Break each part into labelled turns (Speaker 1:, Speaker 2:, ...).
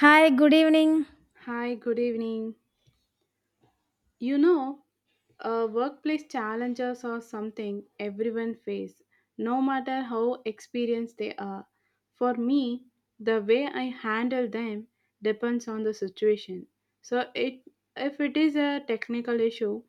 Speaker 1: Hi, good evening.
Speaker 2: Hi, good evening. You know, workplace challenges are something everyone face, no matter how experienced they are. For me, the way I handle them depends on the situation. So, it, if it is a technical issue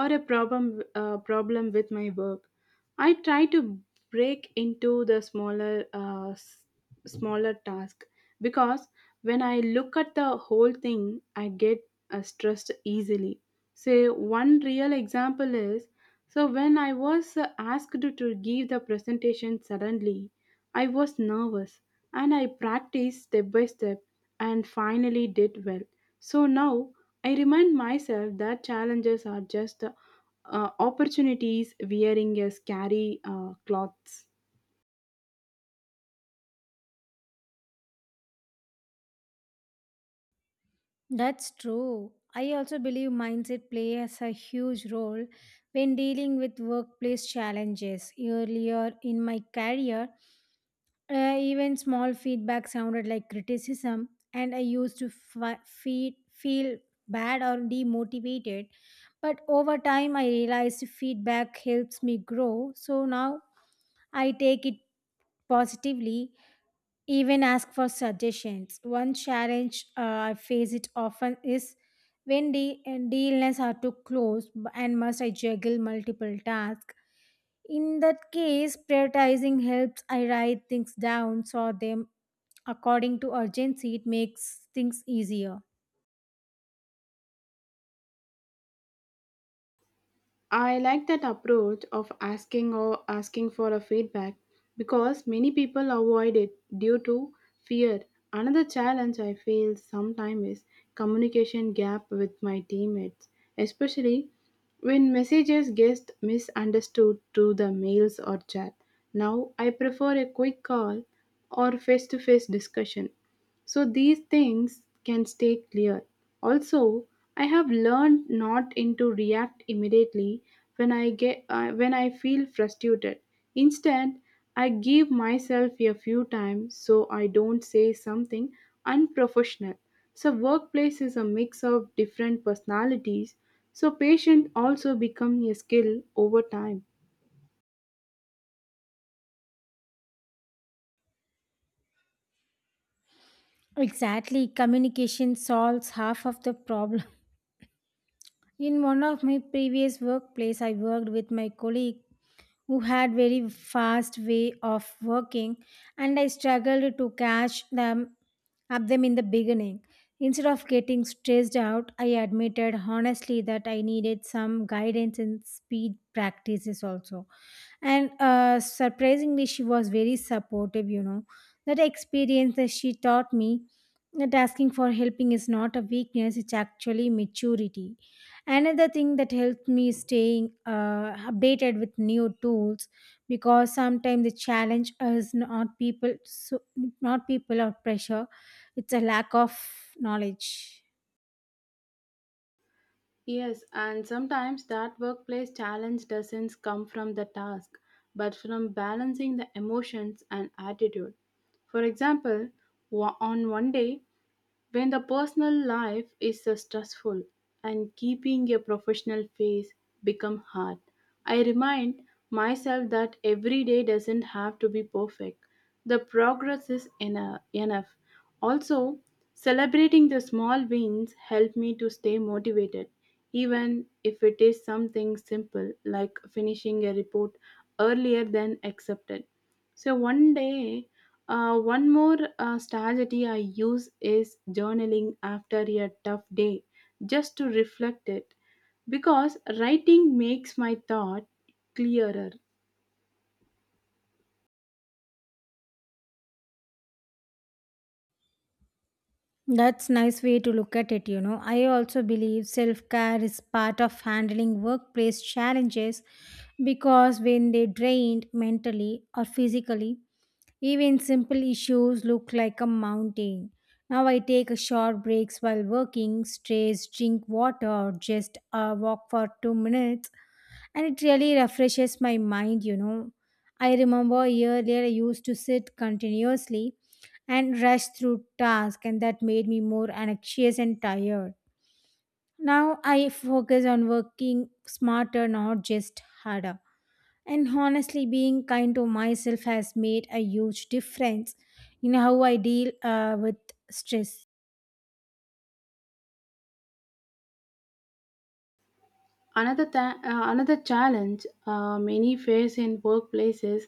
Speaker 2: or a problem with my work, I try to break into the smaller task, because when I look at the whole thing, I get stressed easily. Say one real example is, so when I was asked to give the presentation suddenly, I was nervous, and I practiced step by step and finally did well. So now I remind myself that challenges are just opportunities wearing a scary clothes.
Speaker 1: That's true. I also believe mindset plays a huge role when dealing with workplace challenges. Earlier in my career, even small feedback sounded like criticism, and I used to feel bad or demotivated. But over time, I realized feedback helps me grow. So now I take it positively, even ask for suggestions. One challenge I face it often is when deals are too close and must I juggle multiple tasks. In that case, prioritizing helps. I write things down, sort them according to urgency. It makes things easier.
Speaker 2: I like that approach of asking, or asking for a feedback, because many people avoid it due to fear. Another challenge I feel sometimes is communication gap with my teammates, especially when messages get misunderstood through the mails or chat. Now I prefer a quick call or face-to-face discussion, so these things can stay clear. Also, I have learned not to react immediately when I feel frustrated. Instead, I give myself a few times, so I don't say something unprofessional. So workplace is a mix of different personalities. So patience also become a skill over time.
Speaker 1: Exactly, communication solves half of the problem. In one of my previous workplace, I worked with my colleague who had very fast way of working, and I struggled to catch them up them in the beginning. Instead of getting stressed out, I admitted honestly that I needed some guidance in speed practices also, and surprisingly she was very supportive, you know. That experience that she taught me that asking for helping is not a weakness, it's actually maturity. Another thing that helps me staying updated with new tools, because sometimes the challenge is not people, not people or pressure, it's a lack of knowledge.
Speaker 2: Yes, and sometimes that workplace challenge doesn't come from the task, but from balancing the emotions and attitude. For example, on one day, when the personal life is so stressful and keeping a professional face become hard, I remind myself that every day doesn't have to be perfect. The progress is enough. Also, celebrating the small wins help me to stay motivated, even if it is something simple like finishing a report earlier than accepted. So one day, one more strategy I use is journaling after a tough day, just to reflect it, because writing makes my thought clearer.
Speaker 1: That's nice way to look at it, you know. I also believe self-care is part of handling workplace challenges, because when they drained mentally or physically, even simple issues look like a mountain. Now I take a short breaks while working, stretch, drink water, or just walk for 2 minutes, and it really refreshes my mind, you know. I remember earlier I used to sit continuously and rush through tasks, and that made me more anxious and tired. Now I focus on working smarter, not just harder. And honestly, being kind to myself has made a huge difference in how I deal with stress.
Speaker 2: Another challenge many face in workplaces,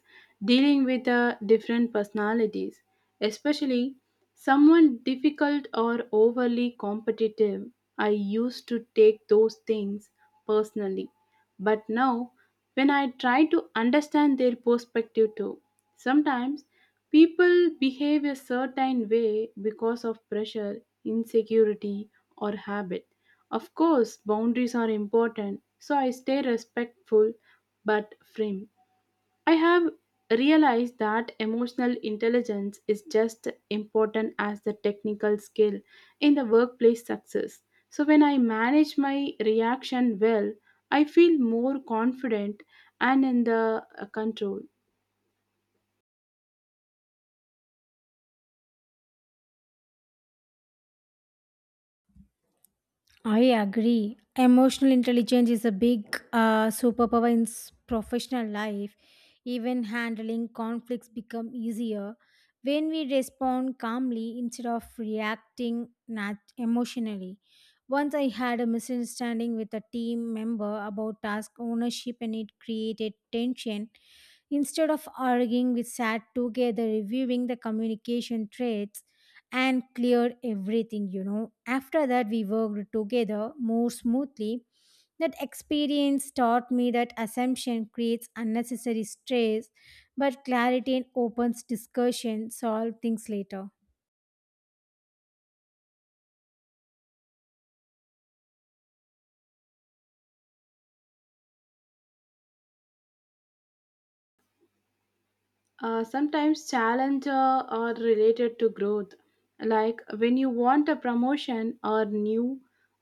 Speaker 2: dealing with different personalities, especially someone difficult or overly competitive. I used to take those things personally, but now when I try to understand their perspective too. Sometimes people behave a certain way because of pressure, insecurity, or habit. Of course, boundaries are important, so I stay respectful but firm. I have realized that emotional intelligence is just important as the technical skill in the workplace success. So when I manage my reaction well, I feel more confident and in the control.
Speaker 1: I agree. Emotional intelligence is a big superpower in professional life. Even handling conflicts become easier when we respond calmly instead of reacting emotionally. Once I had a misunderstanding with a team member about task ownership, and it created tension. Instead of arguing, we sat together reviewing the communication traits and cleared everything, you know. After that, we worked together more smoothly. That experience taught me that assumption creates unnecessary stress, but clarity and opens discussion solve things later.
Speaker 2: Sometimes challenges are related to growth, like when you want a promotion or new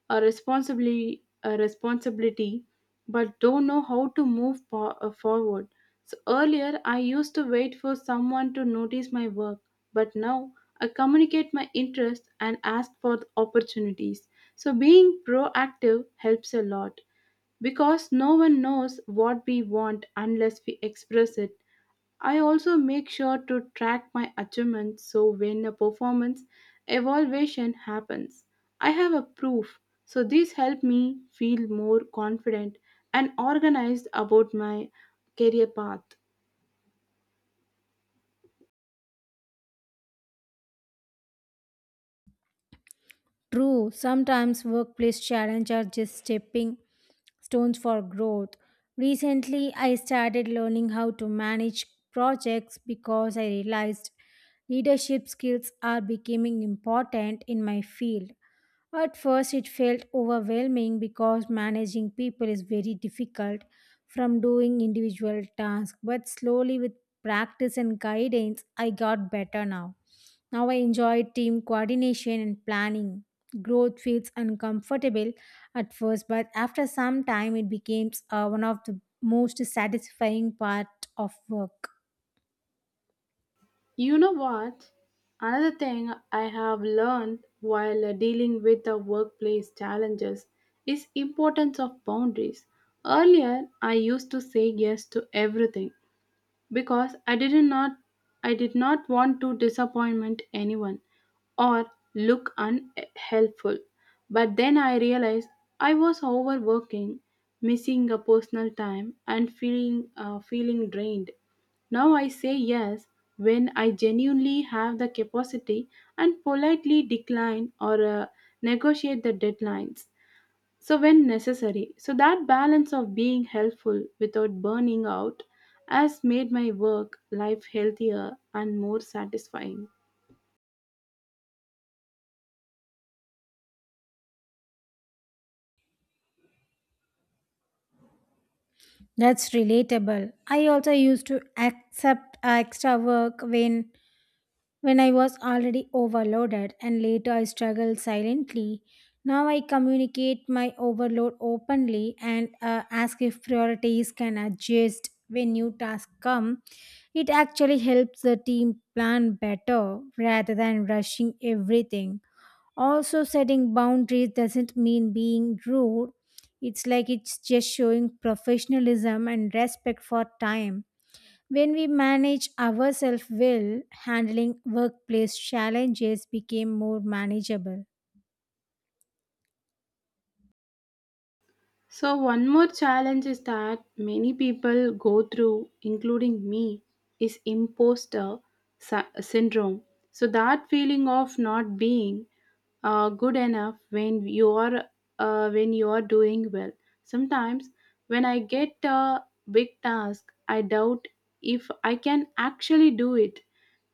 Speaker 2: a responsibility, but don't know how to move forward. So earlier, I used to wait for someone to notice my work, but now I communicate my interest and ask for the opportunities. So being proactive helps a lot, because no one knows what we want unless we express it. I also make sure to track my achievements, so when a performance evaluation happens, I have a proof. So these help me feel more confident and organized about my career path.
Speaker 1: True, sometimes workplace challenges are just stepping stones for growth. Recently, I started learning how to manage projects because I realized leadership skills are becoming important in my field. At first, it felt overwhelming because managing people is very difficult from doing individual tasks, but slowly with practice and guidance, I got better now. Now I enjoy team coordination and planning. Growth feels uncomfortable at first, but after some time, it becomes one of the most satisfying part of work.
Speaker 2: You know what? Another thing I have learned while dealing with the workplace challenges is importance of boundaries. Earlier I used to say yes to everything because I did not want to disappoint anyone, or look unhelpful. But then I realized I was overworking, missing a personal time and feeling drained. Now I say yes when I genuinely have the capacity, and politely decline or negotiate the deadlines so when necessary, so that balance of being helpful without burning out has made my work life healthier and more satisfying.
Speaker 1: That's relatable. I also used to accept extra work when I was already overloaded, and later I struggled silently. Now I communicate my overload openly and ask if priorities can adjust when new tasks come. It actually helps the team plan better rather than rushing everything. Also, setting boundaries doesn't mean being rude, it's just showing professionalism and respect for time. When we manage ourselves well, handling workplace challenges became more manageable.
Speaker 2: So, one more challenge is that many people go through, including me, is imposter syndrome. So, that feeling of not being good enough when you are doing well. Sometimes, when I get a big task, I doubt if I can actually do it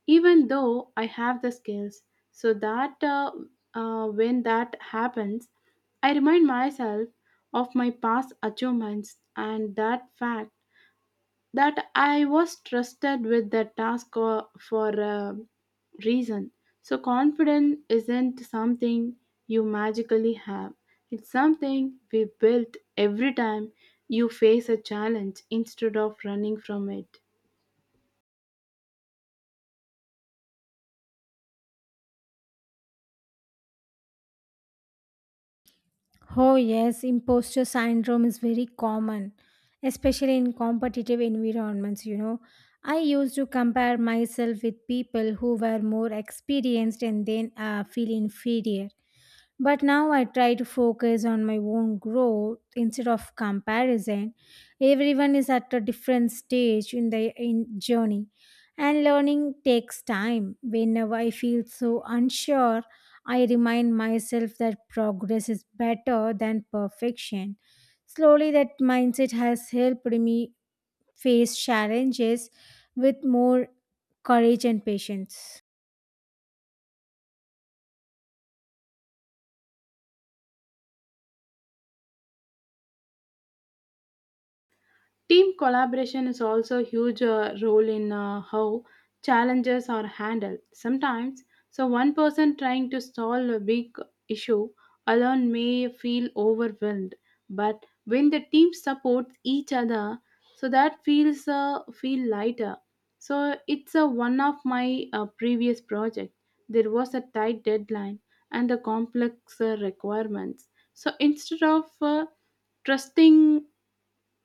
Speaker 2: even though I have the skills, so that when that happens, I remind myself of my past achievements, and that fact that I was trusted with the task for a reason. So, confidence isn't something you magically have, it's something we built every time you face a challenge instead of running from it.
Speaker 1: Oh, yes, imposter syndrome is very common, especially in competitive environments. You know, I used to compare myself with people who were more experienced and then feel inferior. But now I try to focus on my own growth instead of comparison. Everyone is at a different stage in the in journey, and learning takes time. Whenever I feel so unsure, I remind myself that progress is better than perfection. Slowly, that mindset has helped me face challenges with more courage and patience.
Speaker 2: Team collaboration is also a huge role in how challenges are handled. Sometimes, so one person trying to solve a big issue alone may feel overwhelmed, but when the team supports each other, so that feel lighter. So it's one of my previous project. There was a tight deadline and the complex requirements. So instead of trusting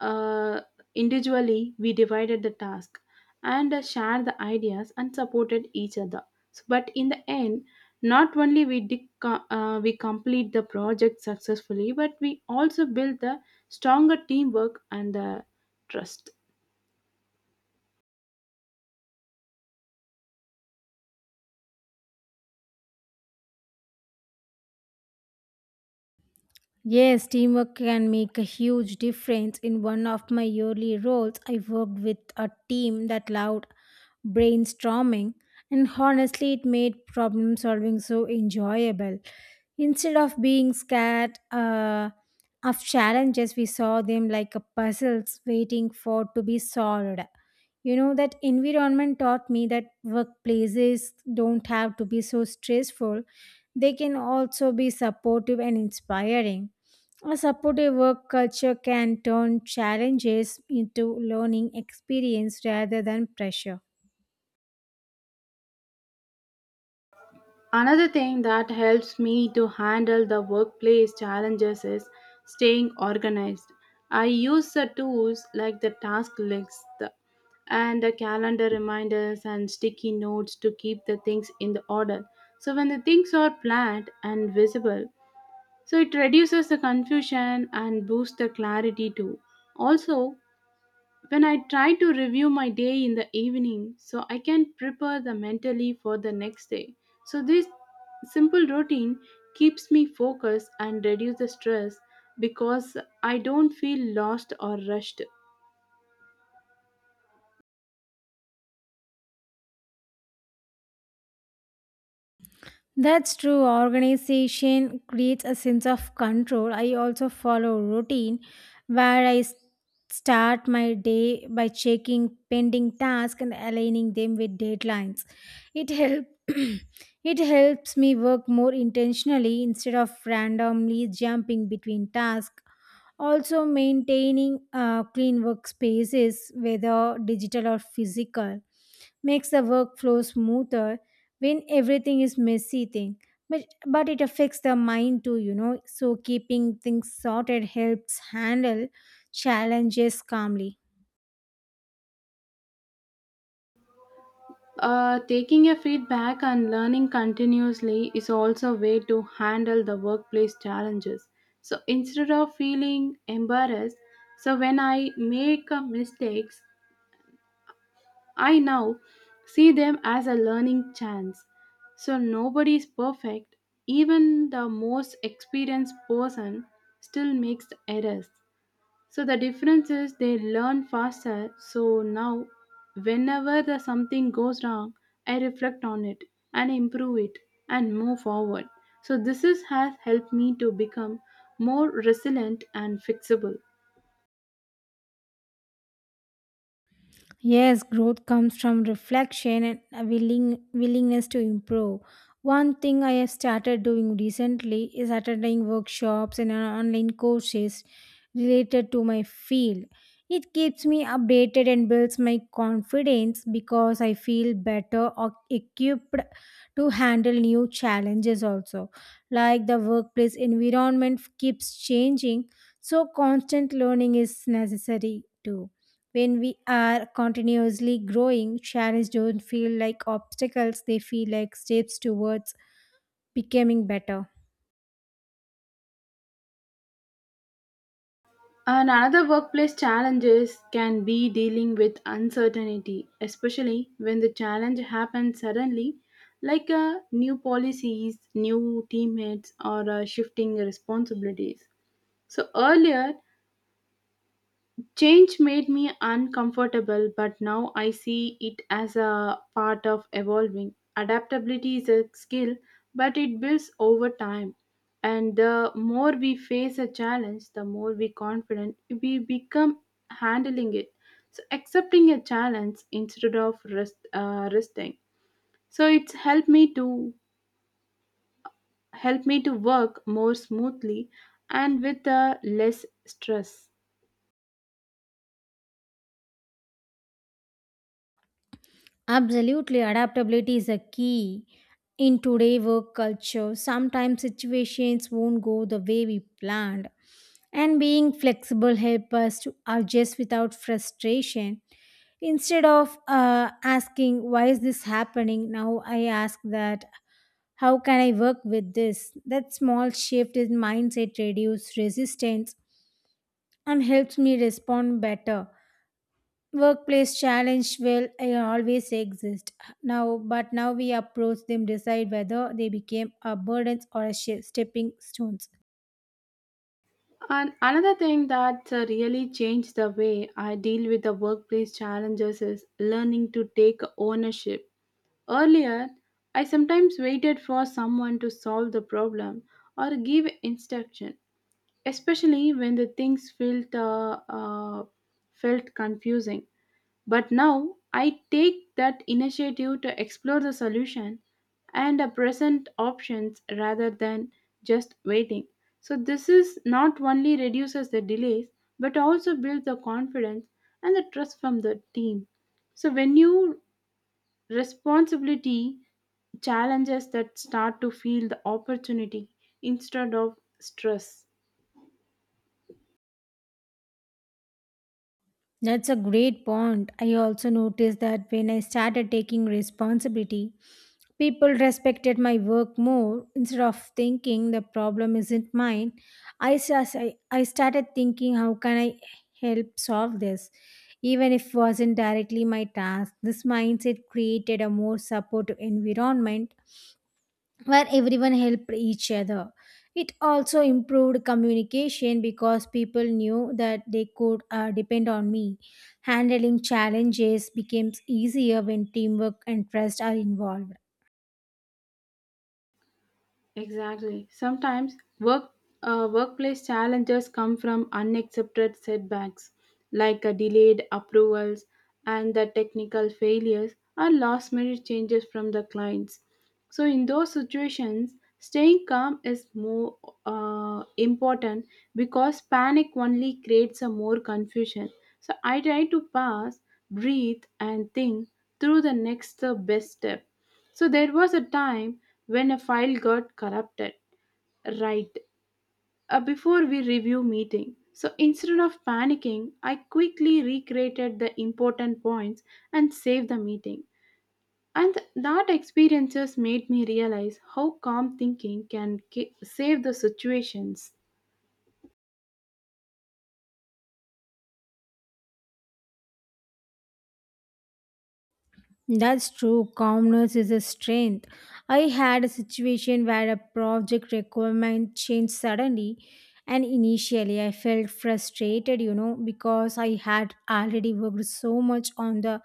Speaker 2: uh, individually, we divided the task and shared the ideas and supported each other. So, but in the end, not only we did co- we complete the project successfully, but we also built the stronger teamwork and the trust.
Speaker 1: Yes, teamwork can make a huge difference. In one of my yearly roles, I worked with a team that loved brainstorming, and honestly, it made problem solving so enjoyable. Instead of being scared of challenges, we saw them like a puzzles waiting for to be solved. You know, that environment taught me that workplaces don't have to be so stressful, they can also be supportive and inspiring. A supportive work culture can turn challenges into learning experience rather than pressure.
Speaker 2: Another thing that helps me to handle the workplace challenges is staying organized. I use the tools like the task list and the calendar reminders and sticky notes to keep the things in the order. So when the things are planned and visible, so it reduces the confusion and boosts the clarity too. Also, when I try to review my day in the evening, so I can prepare the mentally for the next day. So this simple routine keeps me focused and reduce the stress, because I don't feel lost or rushed.
Speaker 1: That's true. Organization creates a sense of control. I also follow routine where start my day by checking pending tasks and aligning them with deadlines. It help it helps me work more intentionally instead of randomly jumping between tasks. Also, maintaining clean workspaces, whether digital or physical, makes the workflow smoother. When everything is messy thing, but but it affects the mind too, you know. So keeping things sorted helps handle challenges calmly.
Speaker 2: Taking a feedback and learning continuously is also a way to handle the workplace challenges. So instead of feeling embarrassed, so when I make a mistakes, I now see them as a learning chance. So nobody is perfect. Even the most experienced person still makes errors. So the difference is they learn faster. So now, whenever the something goes wrong, I reflect on it and improve it and move forward. So this is, has helped me to become more resilient and fixable.
Speaker 1: Yes, growth comes from reflection and a willingness to improve. One thing I have started doing recently is attending workshops and online courses related to my field. It keeps me updated and builds my confidence because I feel better or equipped to handle new challenges also. Like the workplace environment keeps changing, so constant learning is necessary too. When we are continuously growing, challenges don't feel like obstacles, they feel like steps towards becoming better.
Speaker 2: And another workplace challenges can be dealing with uncertainty, especially when the challenge happens suddenly, like new policies, new teammates, or shifting responsibilities. So earlier, change made me uncomfortable, but now I see it as a part of evolving. Adaptability is a skill, but it builds over time. And the more we face a challenge, the more we confident we become handling it. So accepting a challenge instead of resting. So it's help me to work more smoothly and with less stress.
Speaker 1: Absolutely, adaptability is a key in today work culture. Sometimes situations won't go the way we planned, and being flexible help us to adjust without frustration. Instead of asking why is this happening, now I ask that how can I work with this? That small shift in mindset reduces resistance and helps me respond better. Workplace challenge will always exist now, but now we approach them decide whether they became a burdens or a stepping stones.
Speaker 2: And another thing that really changed the way I deal with the workplace challenges is learning to take ownership. Earlier, I sometimes waited for someone to solve the problem or give instruction, especially when the things felt confusing. But now I take that initiative to explore the solution and present options rather than just waiting. So this is not only reduces the delays, but also builds the confidence and the trust from the team. So when you responsibility, challenges that start to feel the opportunity instead of stress.
Speaker 1: That's a great point. I also noticed that when I started taking responsibility, people respected my work more. Instead of thinking the problem isn't mine, I sus- I started thinking how can I help solve this, even if it wasn't directly my task. This mindset created a more supportive environment where everyone helped each other. It also improved communication because people knew that they could depend on me. Handling challenges becomes easier when teamwork and trust are involved.
Speaker 2: Exactly. Sometimes workplace challenges come from unaccepted setbacks, like delayed approvals and the technical failures or last minute changes from the clients. So in those situations, staying calm is more important, because panic only creates a more confusion. So I try to pass, breathe and think through the next best step. So there was a time when a file got corrupted, right, before we review meeting. So instead of panicking, I quickly recreated the important points and saved the meeting. And that experiences made me realize how calm thinking can save the situations.
Speaker 1: That's true. Calmness is a strength. I had a situation where a project requirement changed suddenly, and initially I felt frustrated, you know, because I had already worked so much on the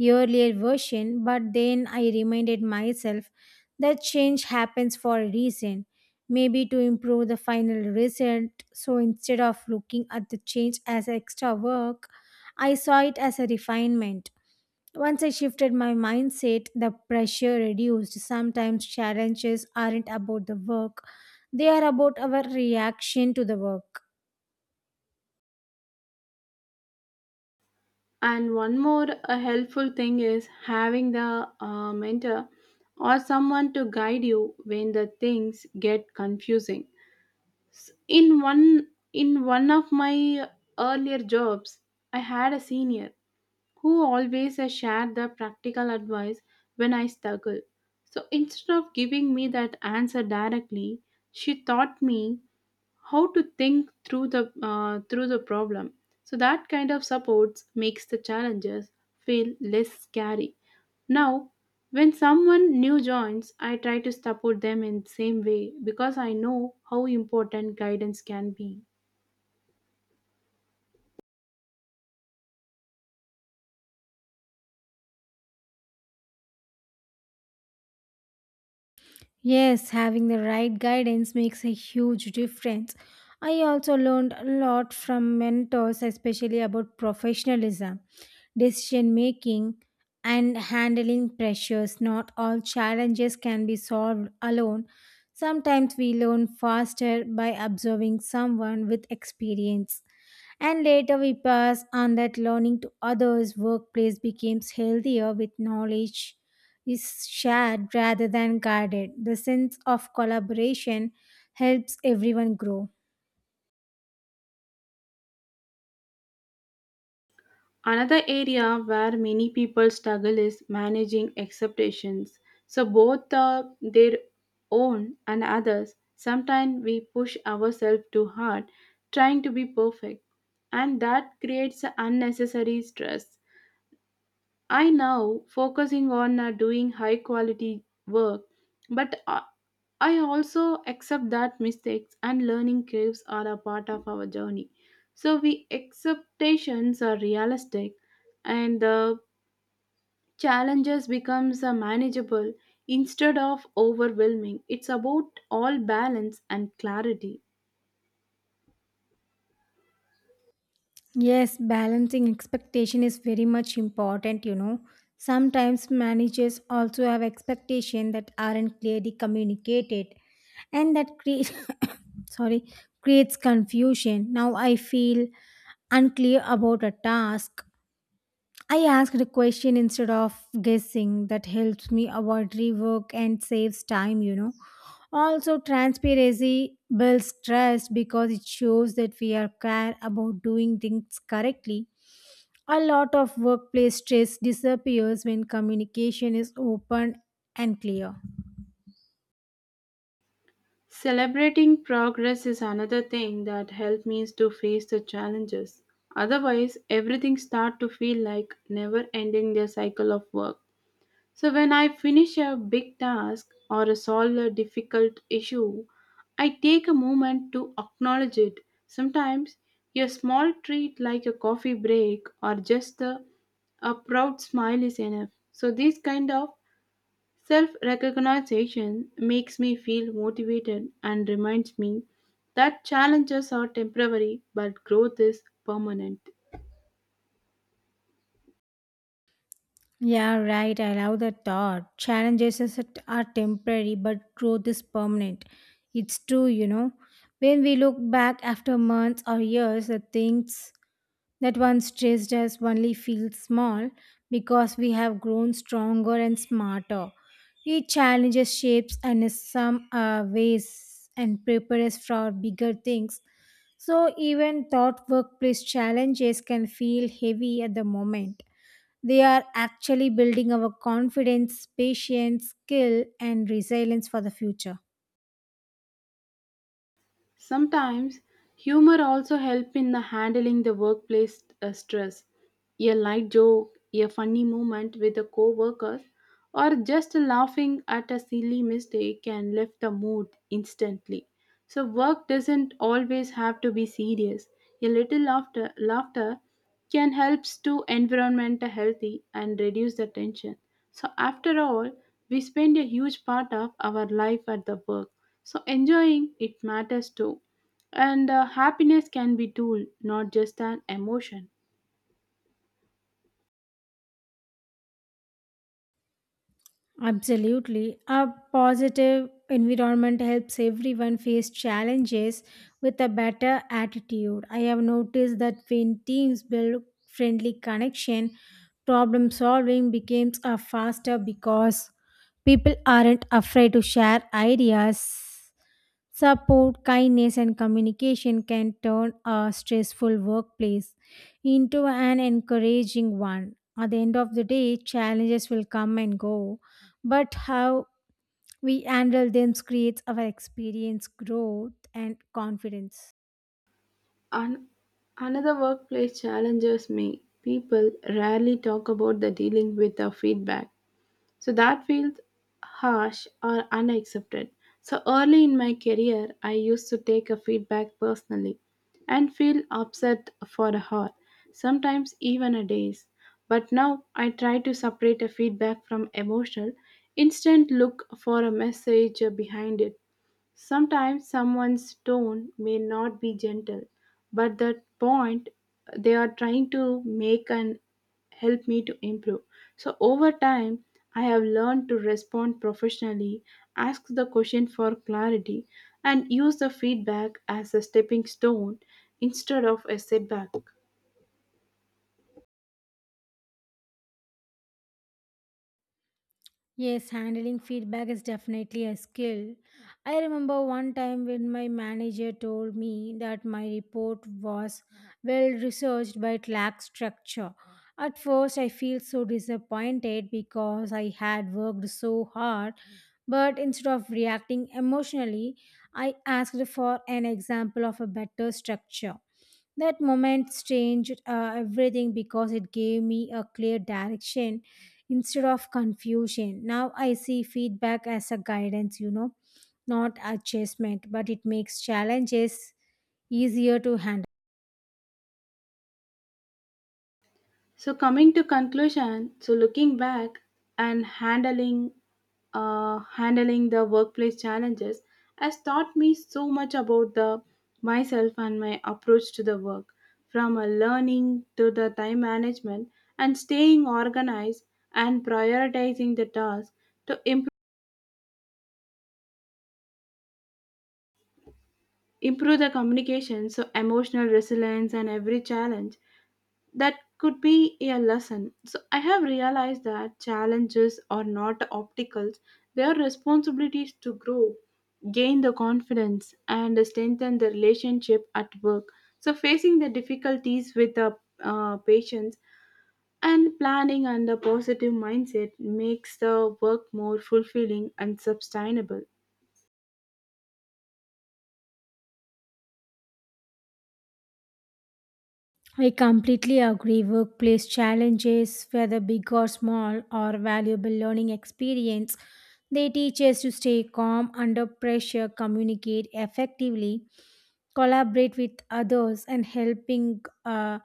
Speaker 1: earlier version. But then I reminded myself that change happens for a reason, maybe to improve the final result. So instead of looking at the change as extra work, I saw it as a refinement. Once I shifted my mindset, the pressure reduced. Sometimes challenges aren't about the work, they are about our reaction to the work.
Speaker 2: And one more a helpful thing is having the mentor or someone to guide you when the things get confusing. In one in one of my earlier jobs, I had a senior who always shared the practical advice when I struggle. So instead of giving me that answer directly, she taught me how to think through the problem. So that kind of supports makes the challenges feel less scary. Now when someone new joins, I try to support them in the same way, because I know how important guidance can be.
Speaker 1: Yes, having the right guidance makes a huge difference. I also learned a lot from mentors, especially about professionalism, decision making, and handling pressures. Not all challenges can be solved alone. Sometimes we learn faster by observing someone with experience. And later we pass on that learning to others. Workplace becomes healthier with knowledge is shared rather than guarded. The sense of collaboration helps everyone grow.
Speaker 2: Another area where many people struggle is managing expectations. So, both their own and others, sometimes we push ourselves too hard trying to be perfect, and that creates unnecessary stress. I now focusing on doing high quality work, but I also accept that mistakes and learning curves are a part of our journey. So we expectations are realistic, and the challenges becomes manageable instead of overwhelming. It's about all balance and clarity.
Speaker 1: Yes, balancing expectation is very much important, you know. Sometimes managers also have expectation that aren't clearly communicated, and that creates sorry, creates confusion. Now I feel unclear about a task, I asked a question instead of guessing. That helps me avoid rework and saves time, you know. Also, transparency builds trust because it shows that we are care about doing things correctly. A lot of workplace stress disappears when communication is open and clear.
Speaker 2: Celebrating progress is another thing that helped me is to face the challenges. Otherwise, everything start to feel like never ending their cycle of work. So when I finish a big task or a solve a difficult issue, I take a moment to acknowledge it. Sometimes a small treat like a coffee break or a proud smile is enough. So this kind of self-recognition makes me feel motivated and reminds me that challenges are temporary but growth is permanent.
Speaker 1: Yeah, right. I love that thought. Are temporary, but growth is permanent. It's true, you know. When we look back after months or years, the things that once stressed us only feel small because we have grown stronger and smarter. Each challenges shapes and in some ways and prepares us for bigger things. So even thought workplace challenges can feel heavy at the moment, they are actually building our confidence, patience, skill, and resilience for the future.
Speaker 2: Sometimes humor also help in the handling the workplace stress. A light joke, a funny moment with a co-worker, or just laughing at a silly mistake can lift the mood instantly. So work doesn't always have to be serious. A little laughter can helps to environment healthy and reduce the tension. So after all, we spend a huge part of our life at the work, so enjoying it matters too, and happiness can be tool, not just an emotion.
Speaker 1: Absolutely. A positive environment helps everyone face challenges with a better attitude. I have noticed that when teams build friendly connection, problem solving becomes a faster because people aren't afraid to share ideas. Support, kindness, and communication can turn a stressful workplace into an encouraging one. At the end of the day, challenges will come and go, but how we handle them creates our experience, growth, and confidence.
Speaker 2: An- another workplace challenges me people rarely talk about, the dealing with the feedback. So that feels harsh or unaccepted. So early in my career, I used to take a feedback personally and feel upset for a hour, sometimes even a days. But now I try to separate a feedback from emotional, instant look for a message behind it. Sometimes someone's tone may not be gentle, but the point they are trying to make and help me to improve. So over time, I have learned to respond professionally, ask the question for clarity, and use the feedback as a stepping stone instead of a setback.
Speaker 1: Yes, handling feedback is definitely a skill. I remember one time when my manager told me that my report was well researched but lacked structure. At first, I feel so disappointed because I had worked so hard, but instead of reacting emotionally, I asked for an example of a better structure. That moment changed everything because it gave me a clear direction instead of confusion. Now I see feedback as a guidance, you know, not a chastisement, but it makes challenges easier to handle.
Speaker 2: So coming to conclusion, so looking back and handling the workplace challenges has taught me so much about the myself and my approach to the work, from a learning to the time management and staying organized and prioritizing the task to improve the communication, so emotional resilience and every challenge that could be a lesson. So I have realized that challenges are not obstacles, they are responsibilities to grow, gain the confidence, and strengthen the relationship at work. So facing the difficulties with the patience and planning and a positive mindset makes the work more fulfilling and sustainable.
Speaker 1: I completely agree. Workplace challenges, whether big or small, are valuable learning experience. They teach us to stay calm under pressure, communicate effectively, collaborate with others, and helping.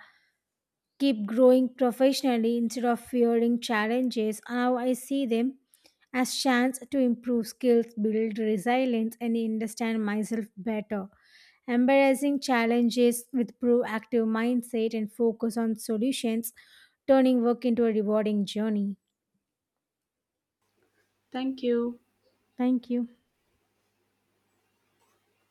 Speaker 1: Keep growing professionally instead of fearing challenges. Now I see them as chance to improve skills, build resilience, and understand myself better. Embracing challenges with proactive mindset and focus on solutions, turning work into a rewarding journey.
Speaker 2: Thank you.
Speaker 1: Thank you.